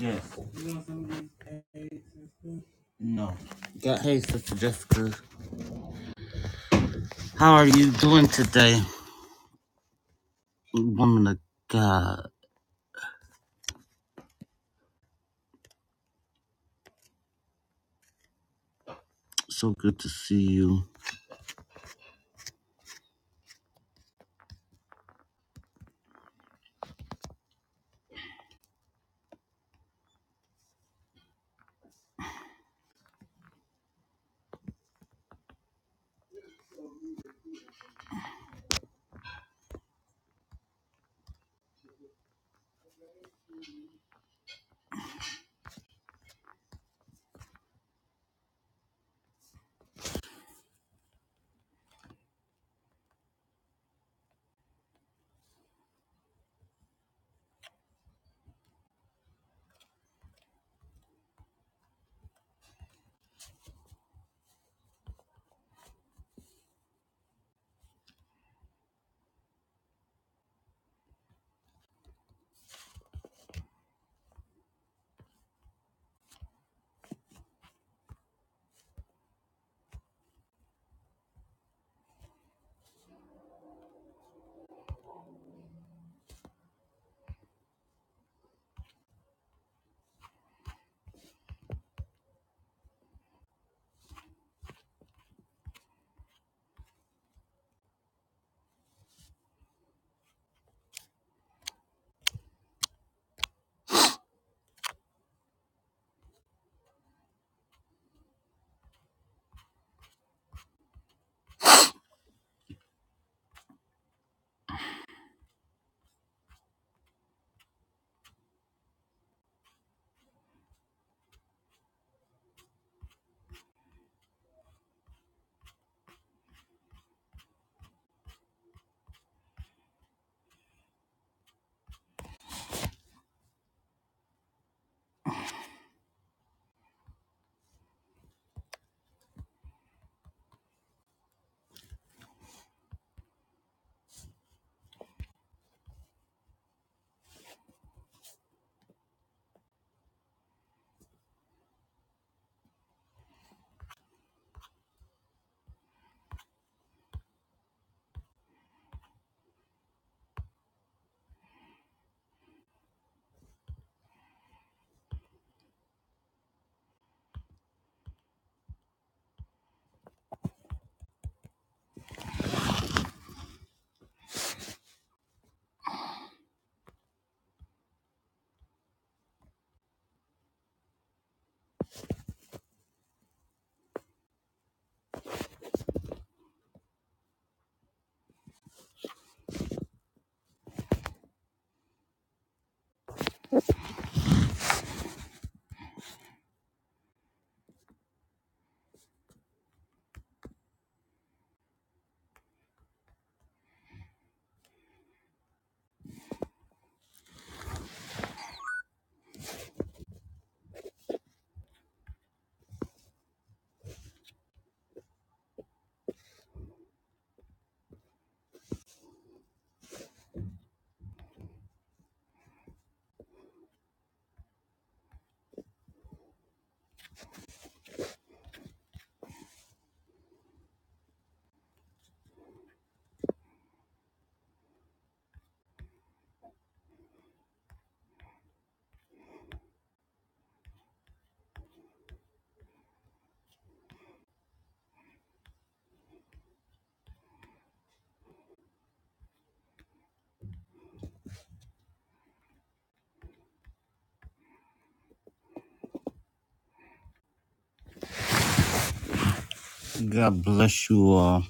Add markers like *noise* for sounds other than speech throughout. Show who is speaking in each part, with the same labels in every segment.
Speaker 1: Yes. No. God, hey, Sister Jessica. How are you doing today? Woman of God. So good to see you. God bless you all.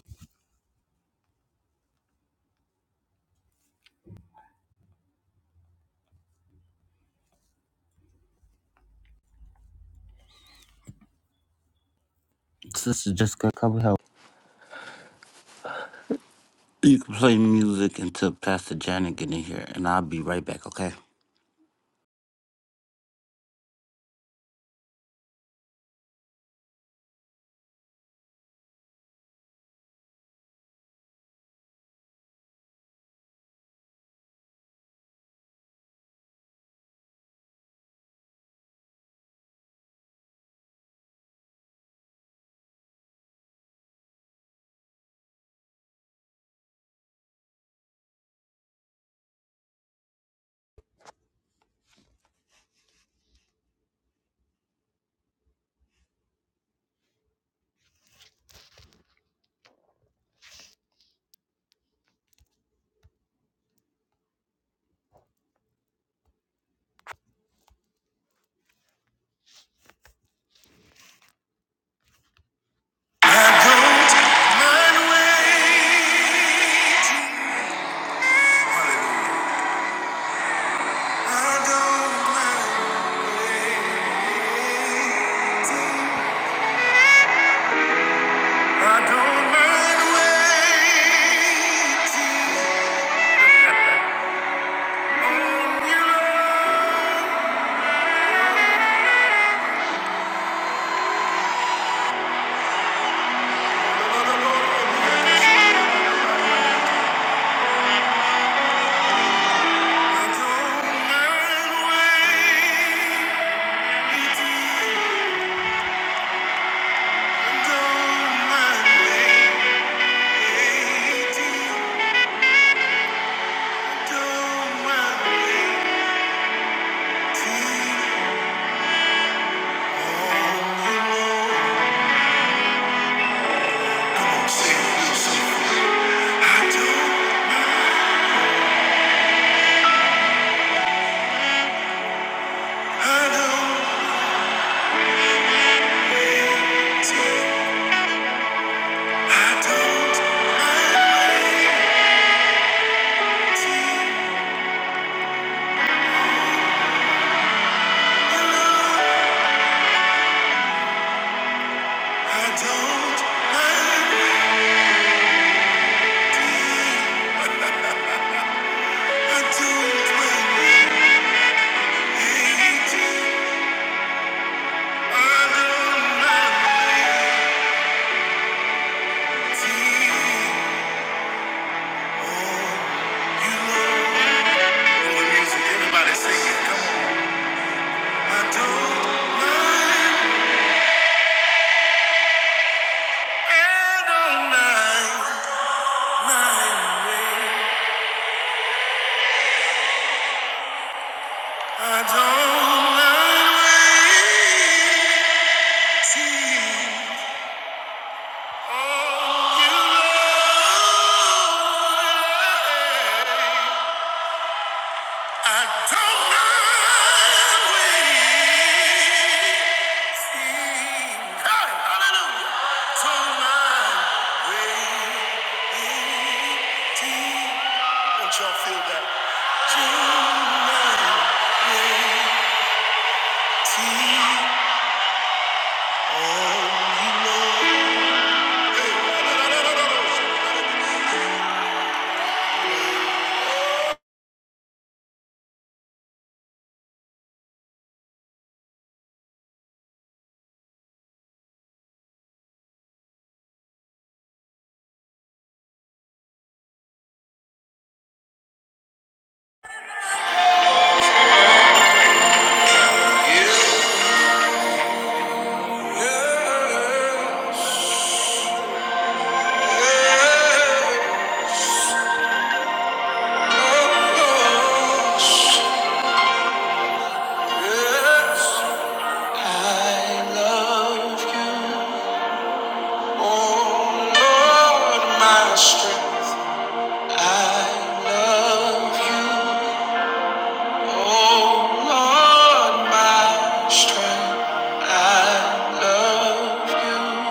Speaker 1: Sister Jessica, come help. You can play music until Pastor Janet get in here, and I'll be right back, okay?
Speaker 2: I don't mind waiting. I don't mind waiting. I don't mind waiting I don't mind waiting. Don't mind waiting. Don't mind waiting. Everybody sing it, come on. I don't mind. Y'all feel that? Tonight, yeah. I love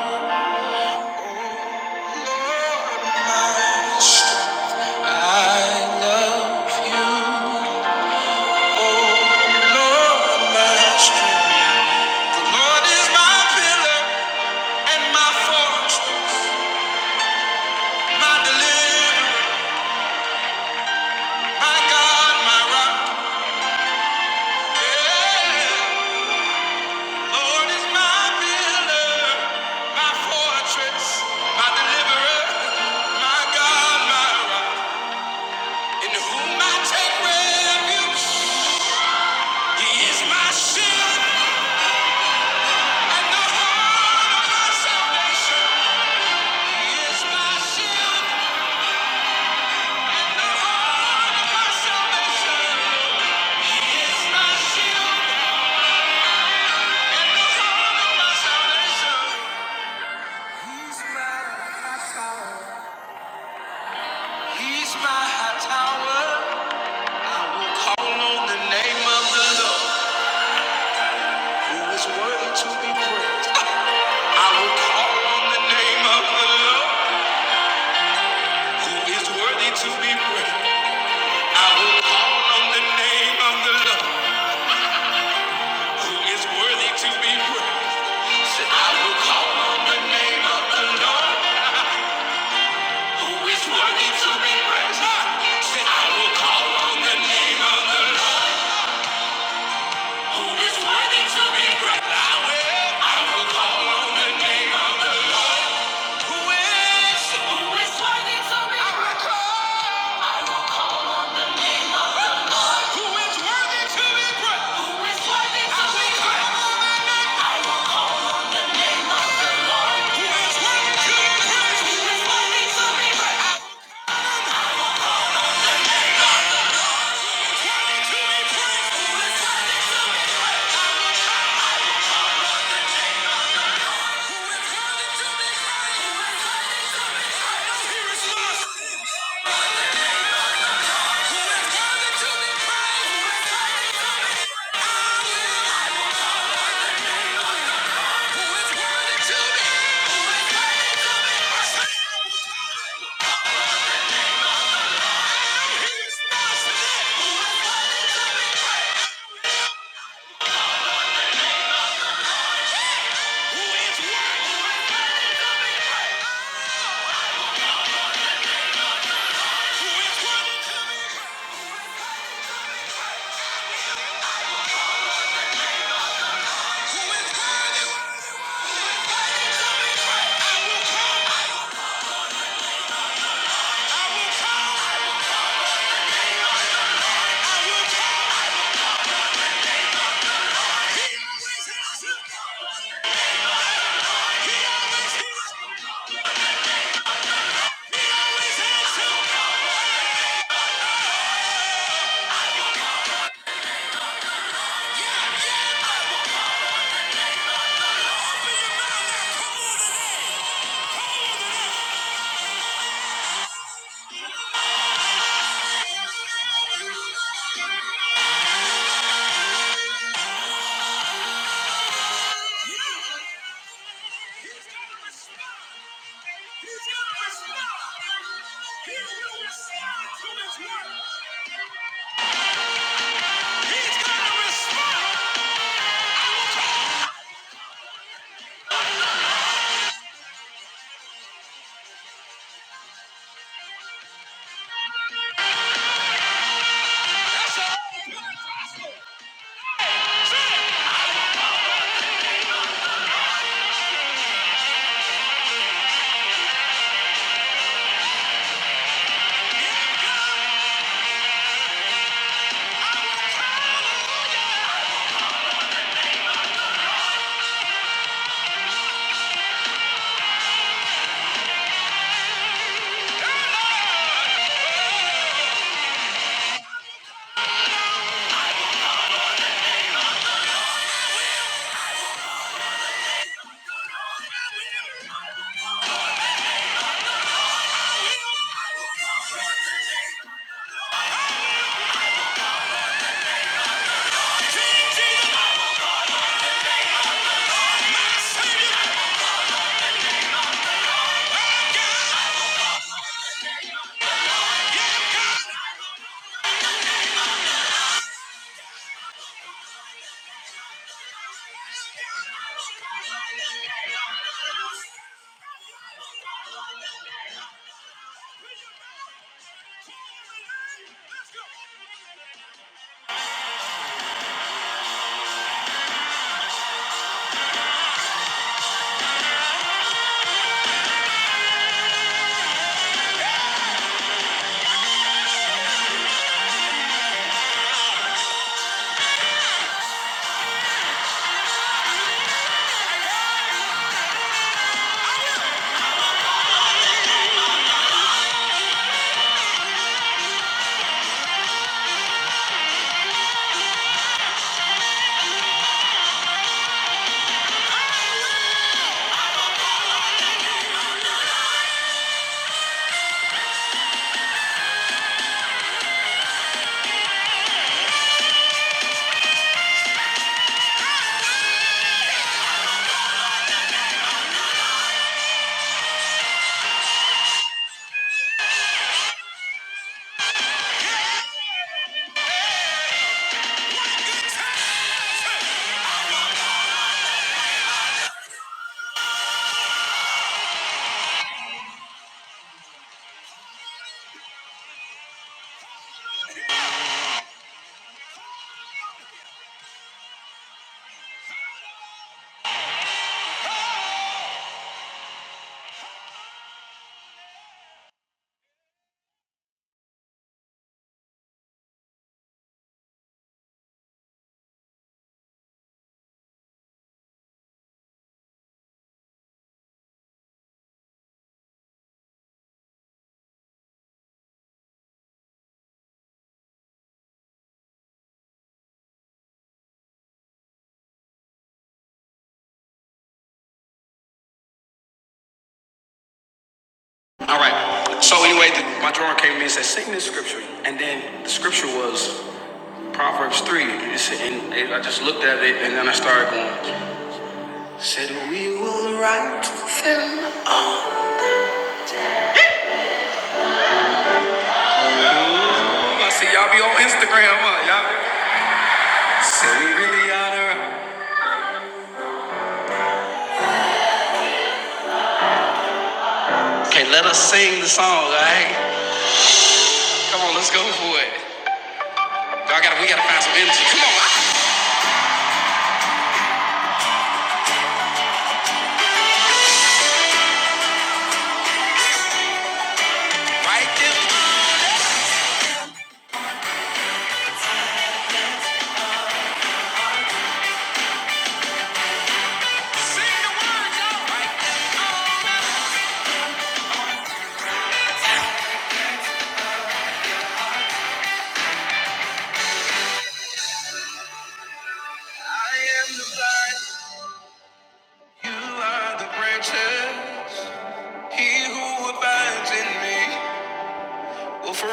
Speaker 2: you. take refuge. He is my shield. He's my high tower. I will call on the name of the Lord, who is worthy to be praised. I will call on the name of the Lord, who is worthy to be praised. I will call on the name of the Lord. who is worthy to be praised. Said, I will call on the name of the Lord, who is worthy to be praised. Said, I will call on the name of the Lord, who is worthy to be praised. I will, I will call on the name of the Lord, who is, who is worthy to be I will praised. call who is worthy to be praised. Who is worthy to be praised. I will call on the name. Who is worthy? Who is worthy? All right. So anyway, the, my drawer came in and said, "Sing this scripture," and then the scripture was Proverbs three. It and it- I just looked at it, and then I started going, "Said we right?" Okay, let us sing the song. All right, come on, let's go for it. I got, to we got to find some energy. Come on, right there. Well, for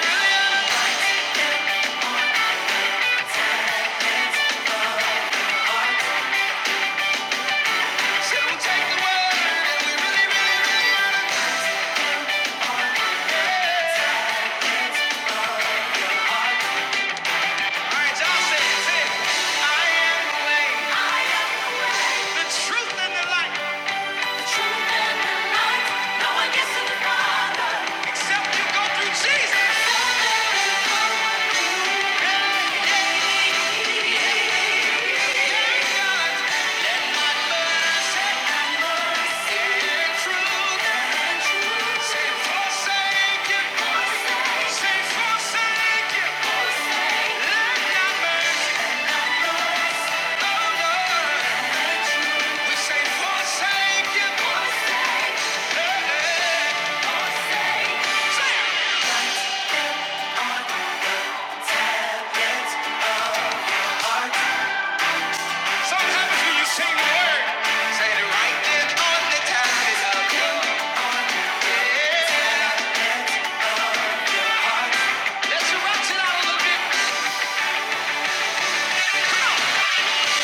Speaker 2: really really, really, really. right,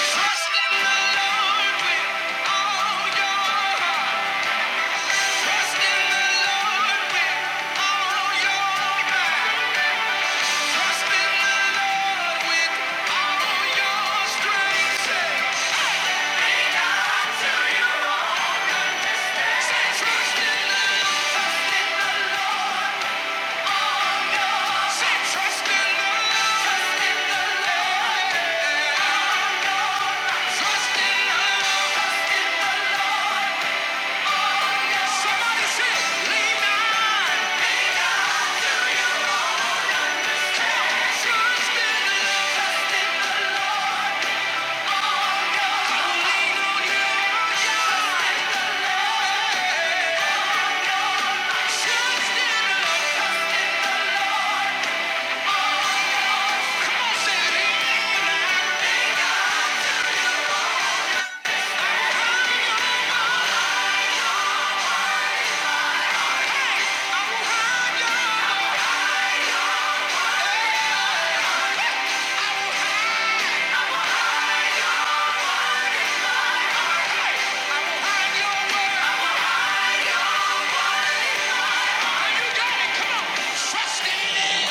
Speaker 2: Trust in the Lord with all your mind. Trust in the Lord with all your strength. Say, God to your strength. Say, trust in Trust in the Lord. Say, trust in the Lord. Somebody say, lean on. Trust in the Lord. Trust in the Lord. Trust in the Lord. Come on, say, lean on. I will hide behind your word. I will go. Come, trust in it.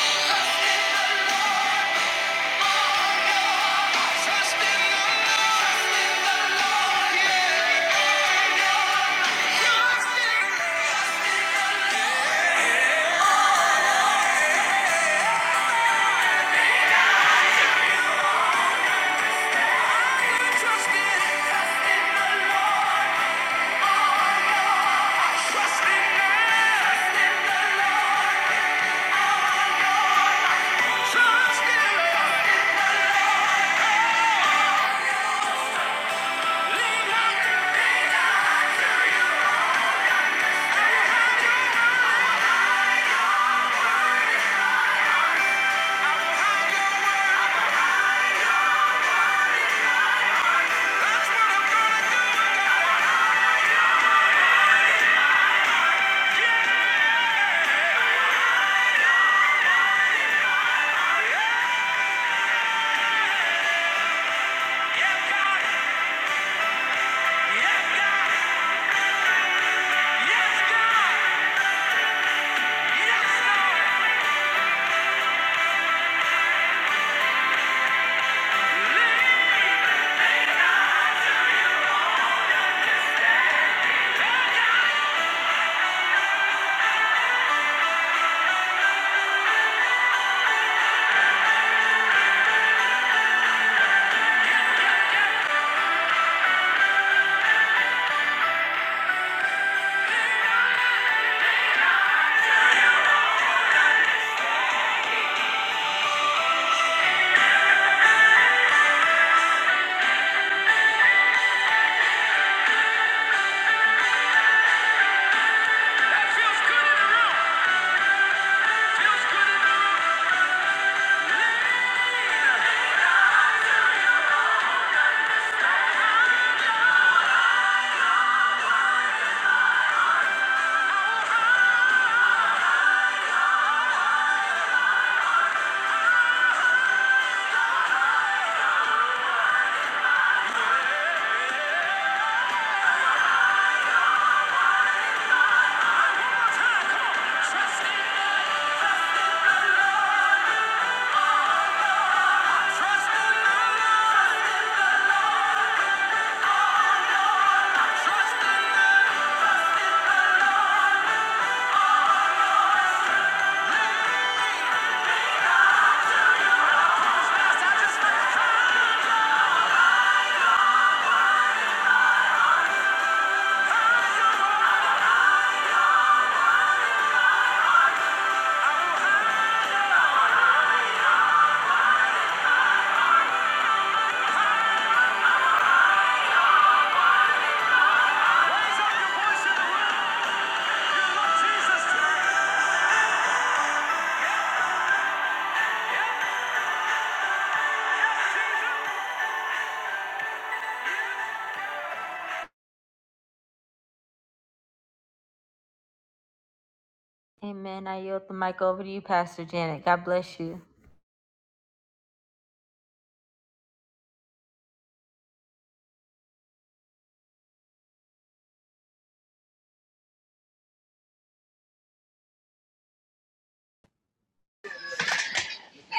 Speaker 2: Trust in the Lord.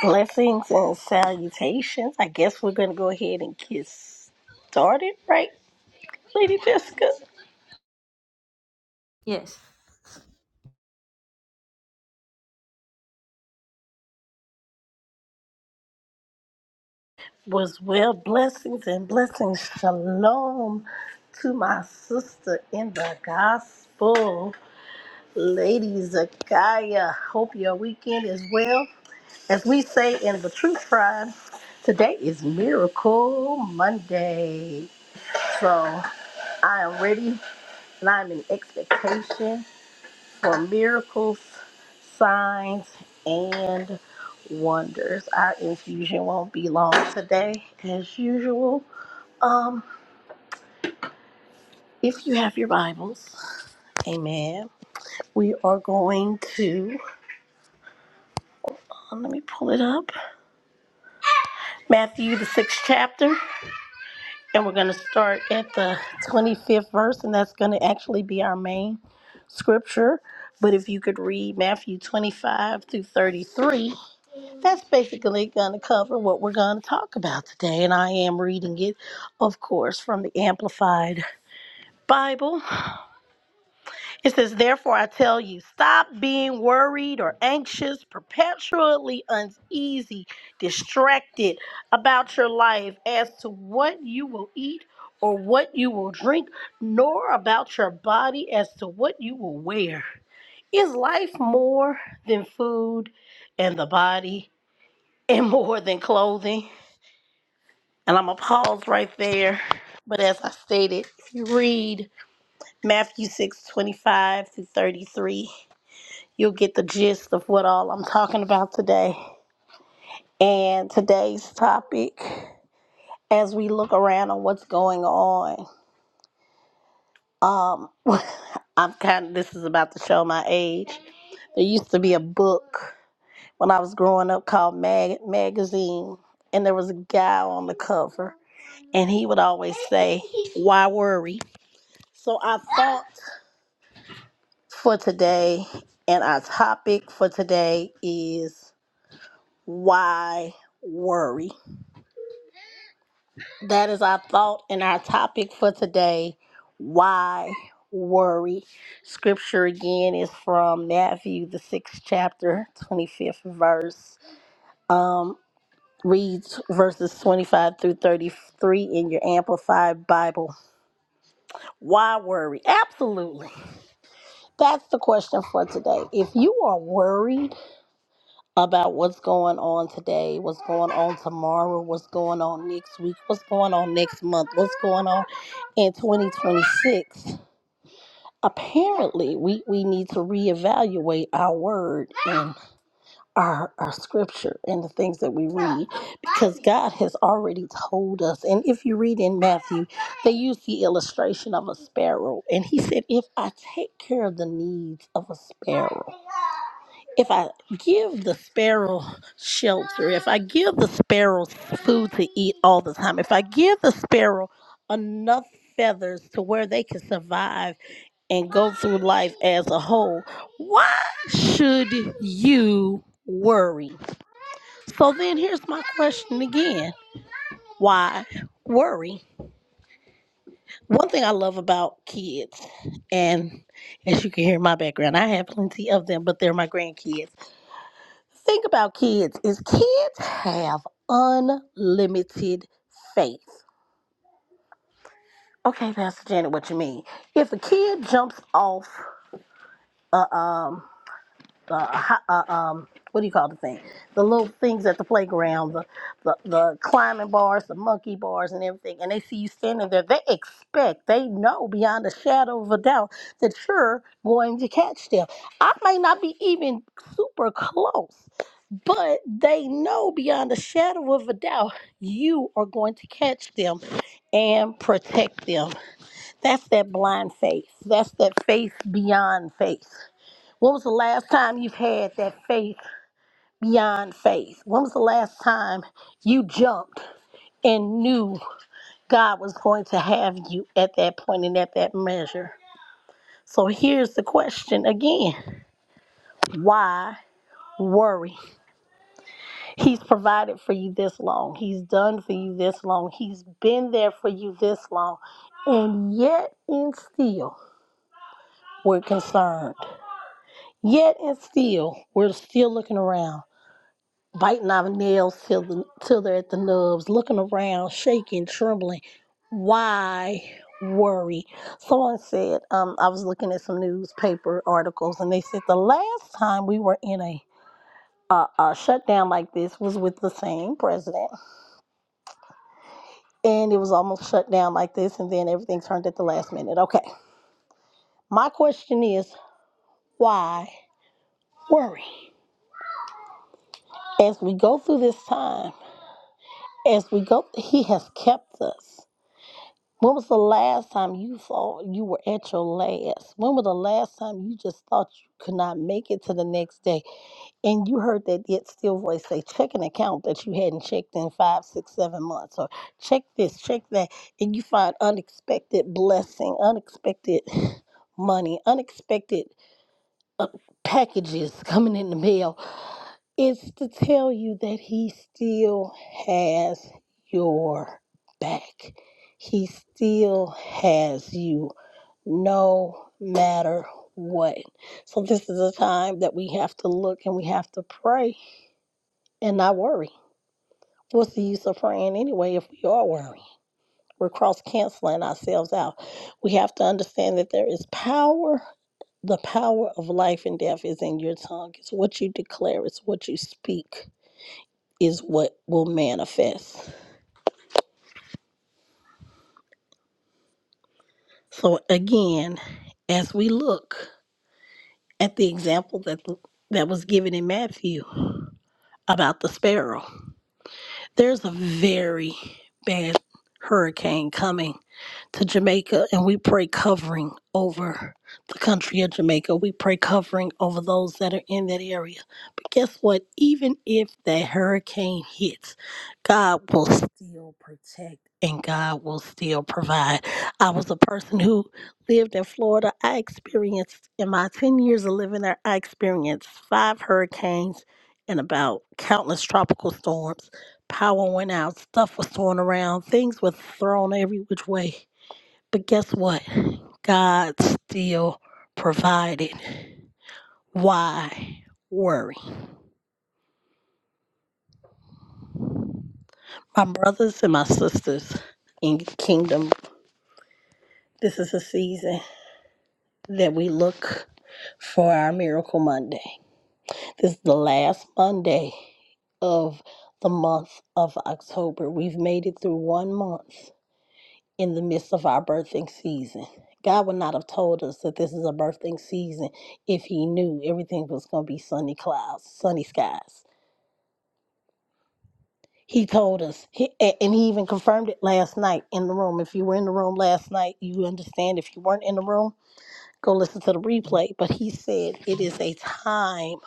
Speaker 3: Blessings and salutations. I guess we're going to go ahead and get started, right, Lady Jessica? Was well, blessings and blessings. Shalom to my sister in the gospel, Lady Zakaya. Hope your weekend is well. As we say in the Truth Tribe, today is Miracle Monday. So I am ready and I'm in expectation for miracles, signs, and wonders. Our infusion won't be long today, as usual. Um, if you have your Bibles, amen. We are going to, um, let me pull it up, Matthew, the sixth chapter, and we're going to start at the 25th verse, and that's going to actually be our main scripture. But if you could read Matthew 25 through 33, That's basically going to cover what we're going to talk about today. And I am reading it, of course, from the Amplified Bible. It says, Therefore, I tell you, stop being worried or anxious, perpetually uneasy, distracted about your life as to what you will eat or what you will drink, nor about your body as to what you will wear. Is life more than food and the body and more than clothing? And I'm going to pause right there. But as I stated, if you read Matthew six twenty-five 25 through 33, you'll get the gist of what all I'm talking about today. And today's topic, as we look around on what's going on, um, *laughs* I'm kind of, this is about to show my age. There used to be a book when I was growing up called Mag- Magazine, and there was a guy on the cover, and he would always say, Why worry? So, our thought for today and our topic for today is why worry? That is our thought and our topic for today. Why worry? Scripture again is from Matthew, the sixth chapter, 25th verse. Um, reads verses 25 through 33 in your Amplified Bible. Why worry? Absolutely. That's the question for today. If you are worried, about what's going on today, what's going on tomorrow, what's going on next week, what's going on next month, what's going on in 2026. Apparently, we, we need to reevaluate our word and our, our scripture and the things that we read because God has already told us. And if you read in Matthew, they use the illustration of a sparrow. And he said, If I take care of the needs of a sparrow, if I give the sparrow shelter, if I give the sparrow food to eat all the time, if I give the sparrow enough feathers to where they can survive and go through life as a whole, why should you worry? So then here's my question again why worry? One thing I love about kids, and as you can hear in my background, I have plenty of them, but they're my grandkids Think about kids is kids have unlimited faith. Okay, Pastor Janet, what you mean? If a kid jumps off, uh, um, uh, hi- uh, um, what do you call the thing? The little things at the playground, the, the the climbing bars, the monkey bars, and everything, and they see you standing there, they expect, they know beyond a shadow of a doubt that you're going to catch them. I may not be even super close, But they know beyond a shadow of a doubt you are going to catch them and protect them. That's that blind faith. That's that faith beyond faith. When was the last time you've had that faith beyond faith? When was the last time you jumped and knew God was going to have you at that point and at that measure? So here's the question again why worry? He's provided for you this long. He's done for you this long. He's been there for you this long. And yet and still we're concerned. Yet and still we're still looking around, biting our nails till the, till they're at the nubs, looking around, shaking, trembling. Why worry? Someone said, um, I was looking at some newspaper articles and they said the last time we were in a a uh, shutdown like this was with the same president and it was almost shut down like this, and then everything turned at the last minute. Okay, my question is why worry? As we go through this time, as we go, He has kept us. When was the last time you thought you were at your last? When was the last time you just thought you could not make it to the next day? and you heard that yet still voice say, check an account that you hadn't checked in five, six, seven months, or check this, check that, and you find unexpected blessing, unexpected *sighs* money, unexpected uh, packages coming in the mail, it's to tell you that he still has your back. He still has you no matter what. So, this is a time that we have to look and we have to pray and not worry. What's the use of praying anyway if we are worrying? We're cross canceling ourselves out. We have to understand that there is power. The power of life and death is in your tongue. It's what you declare, it's what you speak, is what will manifest. So, again, as we look at the example that, that was given in Matthew about the sparrow, there's a very bad hurricane coming to Jamaica and we pray covering over the country of Jamaica. We pray covering over those that are in that area. But guess what? Even if that hurricane hits, God will still protect and God will still provide. I was a person who lived in Florida. I experienced, in my 10 years of living there, I experienced five hurricanes and about countless tropical storms. Power went out, stuff was thrown around, things were thrown every which way but guess what? God still provided. Why worry? My brothers and my sisters in kingdom, this is a season that we look for our miracle Monday. This is the last Monday of the month of October. We've made it through one month in the midst of our birthing season. God would not have told us that this is a birthing season if He knew everything was going to be sunny clouds, sunny skies. He told us, he, a- and he even confirmed it last night in the room. If you were in the room last night, you understand. If you weren't in the room, go listen to the replay. But he said it is a time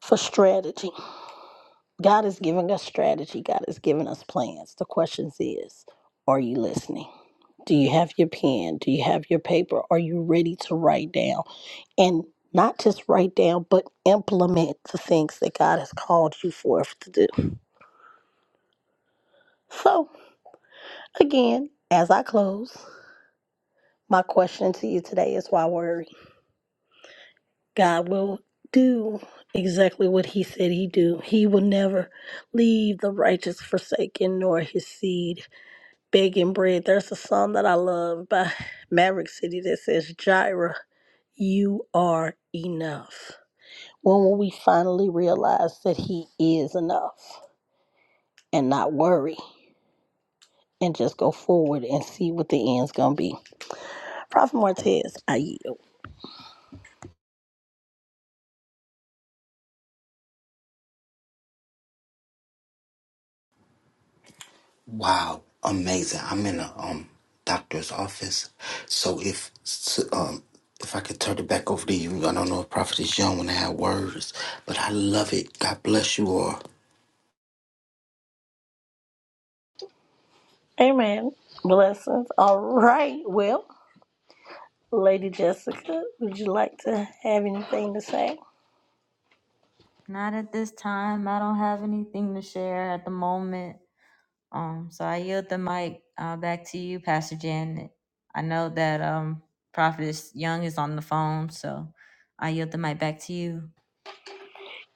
Speaker 3: for strategy. God is giving us strategy, God is giving us plans. The question is, are you listening? Do you have your pen? Do you have your paper? Are you ready to write down? And not just write down, but implement the things that God has called you forth to do. So, again, as I close, My question to you today is why worry? God will do exactly what he said he do. He will never leave the righteous forsaken nor his seed begging bread. There's a song that I love by Maverick City that says, Jireh, you are enough. When will we finally realize that he is enough and not worry and just go forward and see what the end's gonna be? Prophet Martez, I yield.
Speaker 1: Wow, amazing. I'm in a um doctor's office. So if s- um if I could turn it back over to you, I don't know if Prophet is young when I have words, but I love it. God bless you all.
Speaker 3: Amen. Blessings. All right. Well, Lady Jessica, would you like to have anything to say?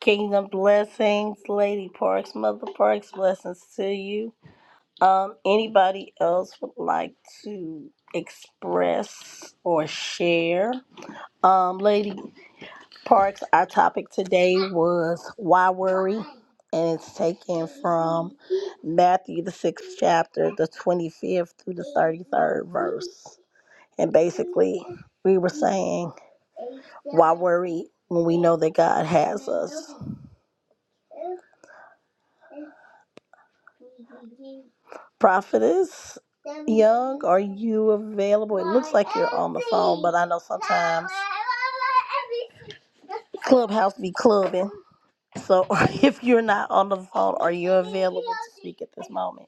Speaker 3: Kingdom blessings, Lady Parks, Mother Parks, blessings to you. Um, anybody else would like to express or share? Um, Lady Parks, our topic today was why worry, and it's taken from Matthew the sixth chapter, the twenty fifth through the thirty third verse. And basically, we were saying, why worry when we know that God has us? Prophetess Young, are you available? It looks like you're on the phone, but I know sometimes Clubhouse be clubbing. So *laughs* if you're not on the phone, are you available to speak at this moment?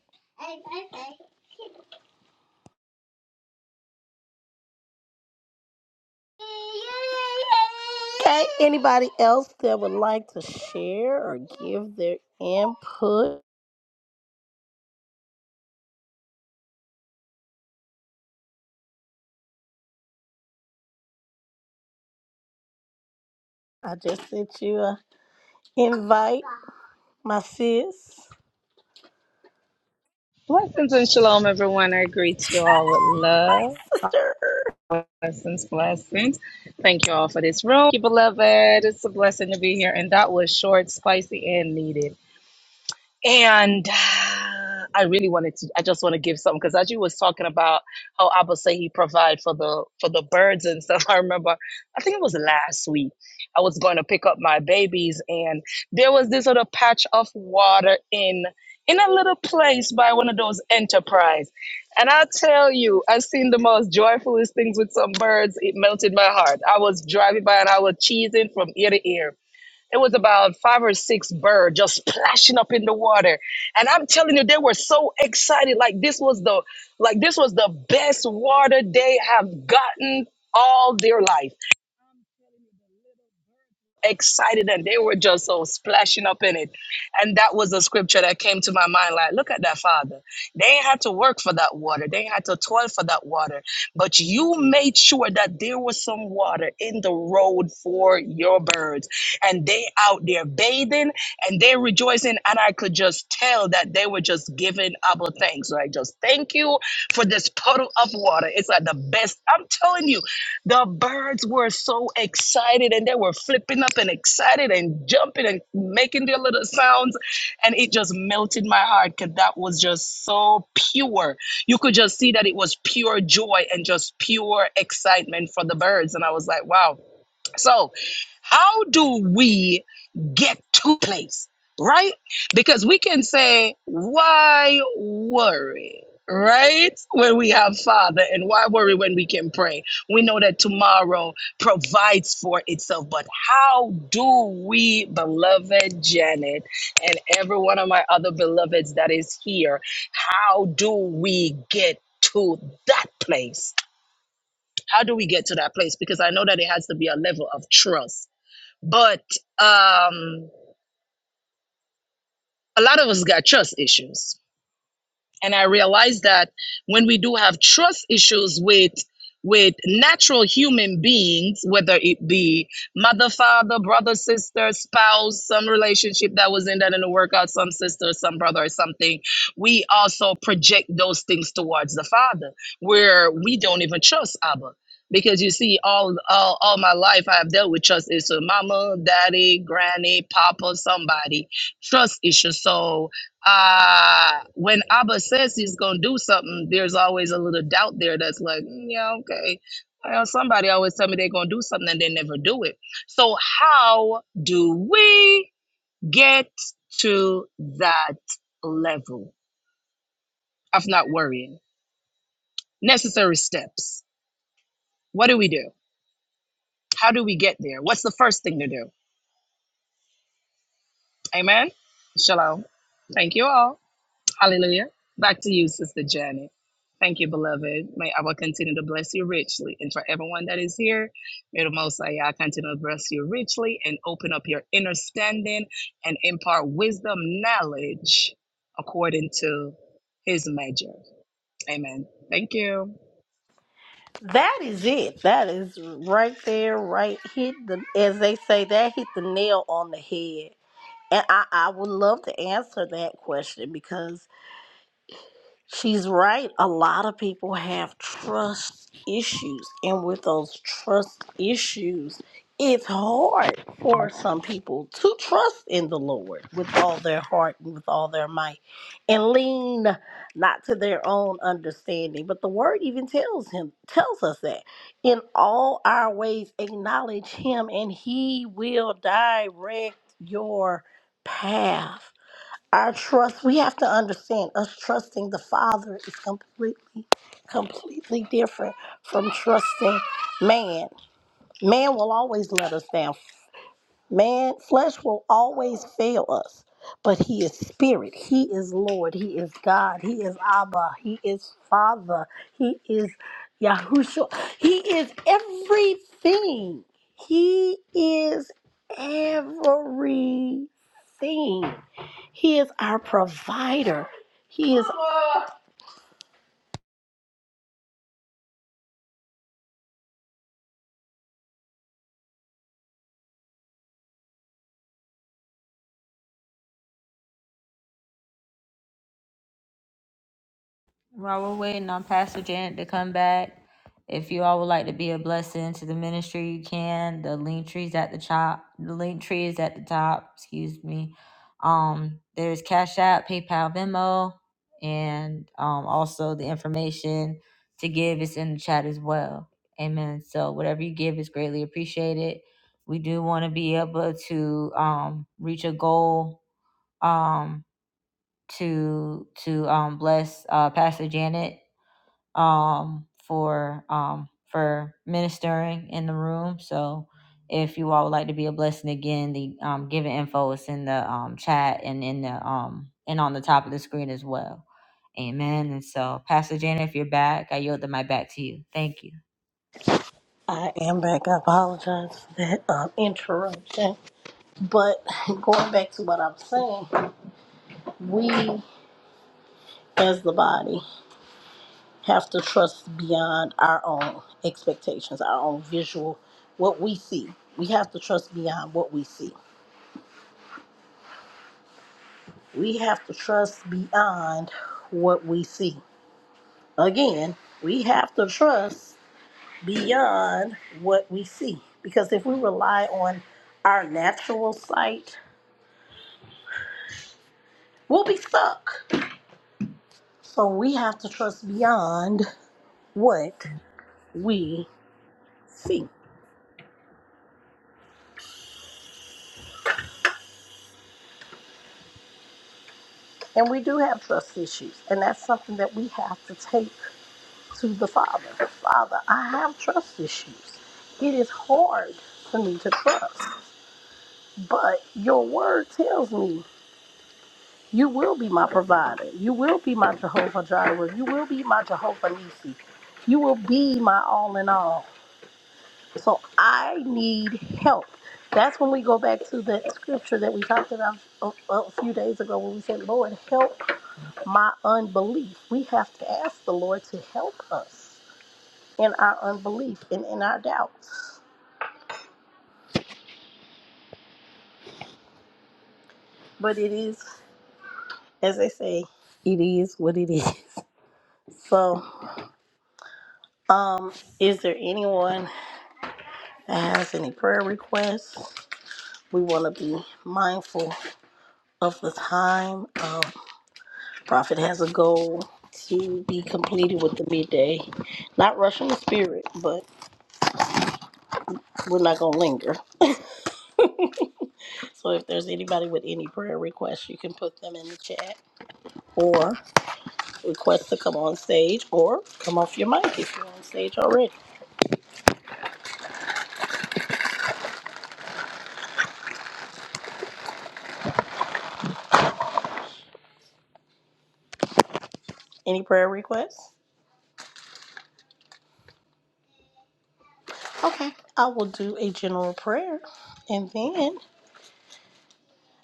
Speaker 3: Okay, anybody else that would like to share or give their input? I just sent you a invite, my sis,
Speaker 4: Blessings and shalom, everyone. I greet you all with love.
Speaker 3: sister.
Speaker 4: Blessings, blessings. Thank you all for this room. beloved, it's a blessing to be here. And that was short, spicy, and needed. And I really wanted to. I just want to give something because as you was talking about how Abba say he provide for the for the birds and stuff. *laughs* I remember, I think it was last week. I was going to pick up my babies, and there was this little patch of water in in a little place by one of those enterprise. And I tell you, I seen the most joyfulest things with some birds. It melted my heart. I was driving by and I was cheesing from ear to ear it was about five or six birds just splashing up in the water. And I'm telling you, they were so excited. Like this was the like this was the best water they have gotten all their life excited and they were just so splashing up in it. And that was a scripture that came to my mind like, look at that, Father. They ain't had to work for that water, they ain't had to toil for that water, but you made sure that there was some water in the road for your birds. And they out there bathing and they rejoicing. And I could just tell that they were just giving Abba thanks. Like, just thank you for this puddle of water. It's like the best. I'm telling you, the birds were so excited and they were flipping up and excited and jumping and making their little sounds. And it just melted my heart because that was just so pure. You could just see that it was pure joy and just pure excitement for the birds. And I was like, wow. So, how do we get to a place, right? Because we can say, why worry? Right when we have Father, and why worry when we can pray? We know that tomorrow provides for itself, but how do we, beloved Janet, and every one of my other beloveds that is here, how do we get to that place? How do we get to that place? Because I know that it has to be a level of trust but um, a lot of us got trust issues and i realized that when we do have trust issues with with natural human beings whether it be mother father brother sister spouse some relationship that was in that in the workout some sister some brother or something we also project those things towards the father where we don't even trust abba because you see all all, all my life i have dealt with trust issues mama daddy granny papa somebody trust issues so uh when abba says he's gonna do something there's always a little doubt there that's like "Mm, yeah okay well somebody always tell me they're gonna do something and they never do it so how do we get to that level of not worrying necessary steps what do we do how do we get there what's the first thing to do amen shalom thank you all Hallelujah. Back to you, Sister Janet. Thank you, beloved. May I will continue to bless you richly. And for everyone that is here, may the Most High Yah continue to bless you richly and open up your understanding and impart wisdom, knowledge according to his measure. Amen. Thank you.
Speaker 3: That is it. That is right there, right hit the as they say, that hit the nail on the head. And I, I would love to answer that question because She's right. A lot of people have trust issues, and with those trust issues, it's hard for some people to trust in the Lord with all their heart and with all their might and lean not to their own understanding. But the word even tells him tells us that in all our ways acknowledge him and he will direct your path. Our trust, we have to understand us trusting the Father is completely, completely different from trusting man. Man will always let us down. Man, flesh will always fail us, but He is Spirit. He is Lord. He is God. He is Abba. He is Father. He is Yahushua. He is everything. He is everything. He is our provider. He is. I am back. I apologize for that um, interruption. But *laughs* going back to what I'm saying, we as the body. have to trust beyond our own expectations, our own visual, what we see. We have to trust beyond what we see. We have to trust beyond what we see. Again, we have to trust beyond what we see because if we rely on our natural sight, we'll be stuck. So we have to trust beyond what we see. And we do have trust issues, and that's something that we have to take to the Father. Father, I have trust issues. It is hard for me to trust, but your word tells me you will be my provider. You will be my Jehovah Jireh. You will be my Jehovah Nisi. You will be my all in all. So I need help. That's when we go back to that scripture that we talked about a, a few days ago when we said, Lord, help my unbelief. We have to ask the Lord to help us in our unbelief and in our doubts, But it is, as they say, it is what it is. *laughs* So, um, is there anyone that has any prayer requests? We want to be mindful of the time. Um, Prophet has a goal to be completed with the midday. Not rushing the spirit, but we're not going to linger. So if there's anybody with any prayer requests, you can put them in the chat. or. Requests to come on stage or come off your mic if you're on stage already. Any prayer requests? Okay, I will do a general prayer and then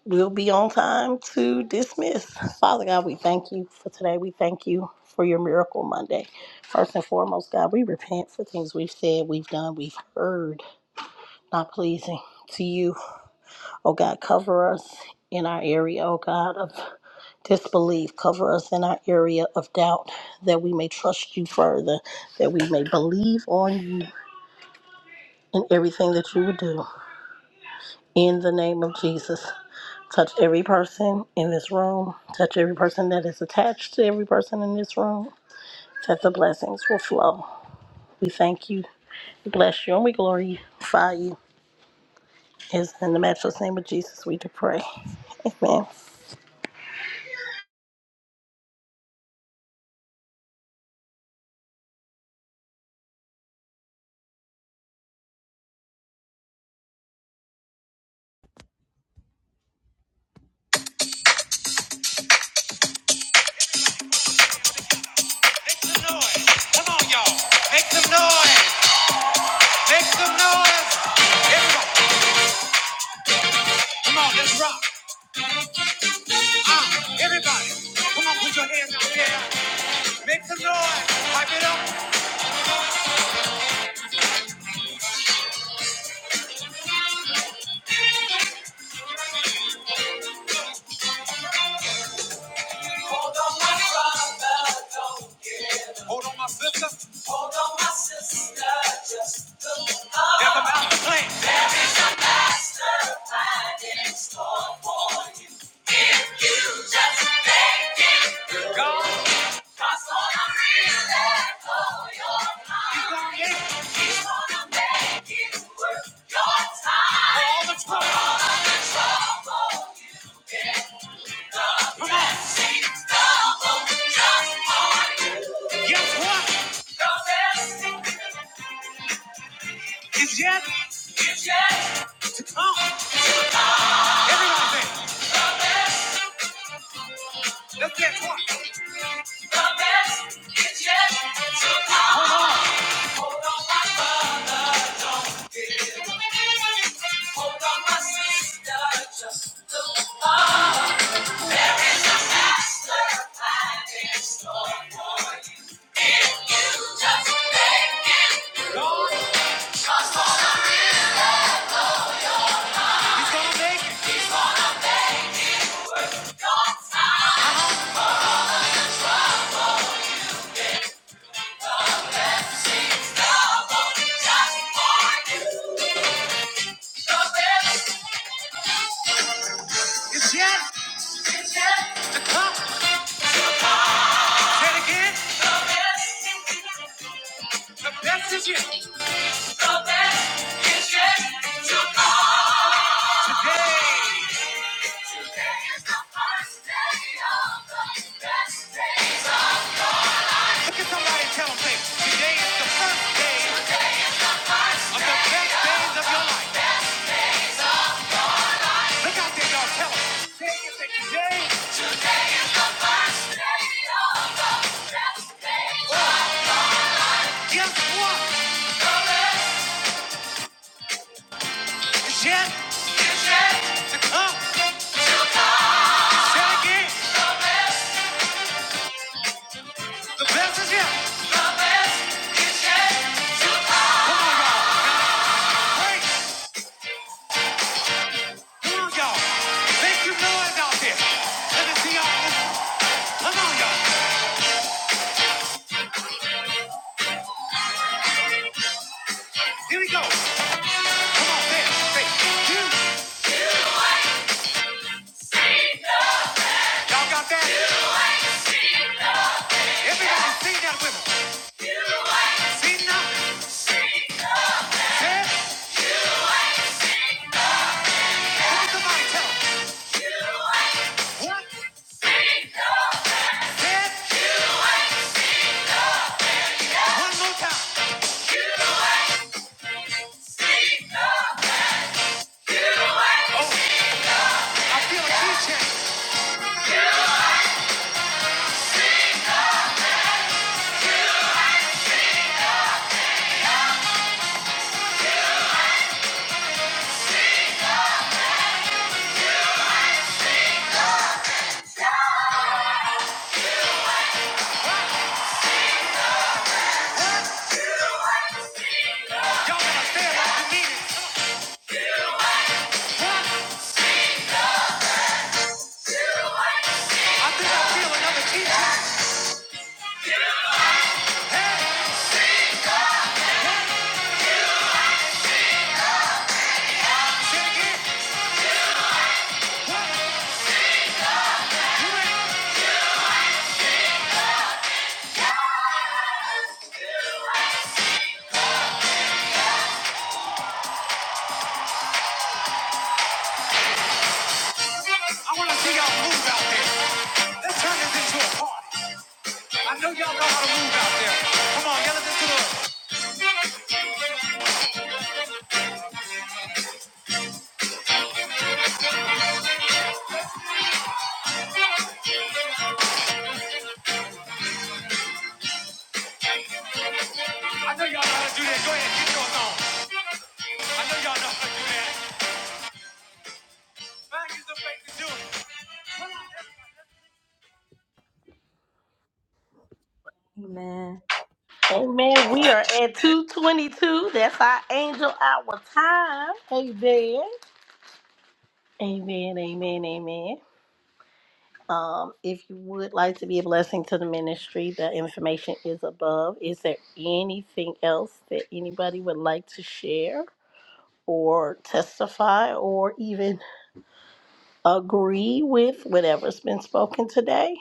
Speaker 3: we'll be on time to dismiss. Father God, we thank you for today. We thank you for your miracle Monday. First and foremost, God, we repent for things we've said, we've done, we've heard, not pleasing to you. Oh God, cover us in our area, oh God, of disbelief. Cover us in our area of doubt that we may trust you further, that we may believe on you in everything that you would do. In the name of Jesus, touch every person in this room, touch every person that is attached to every person in this room, that the blessings will flow. We thank you, we bless you, and we glorify you. It's in the matchless name of Jesus we do pray. Amen.
Speaker 2: Everybody, come on, put your hands out there. Make some noise. Hype it up. Y'all know how to do that. Go ahead. I know y'all know.
Speaker 3: Amen. We are at 222. That's our angel hour time. Amen. Amen, amen, amen. Um, if you would like to be a blessing to the ministry, the information is above. Is there anything else that anybody would like to share or testify or even agree with whatever's been spoken today?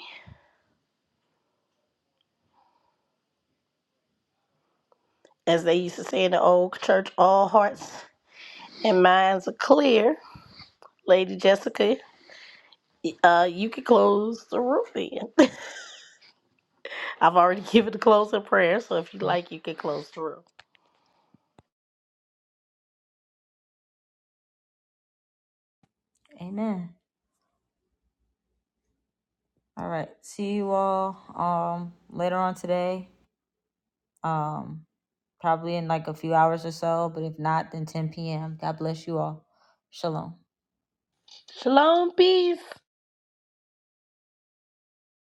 Speaker 3: As they used to say in the old church, all hearts and minds are clear. Lady Jessica, uh, you can close the room then. *laughs* I've already given the closing prayer, so if you like, you can close the room. Shalom, peace.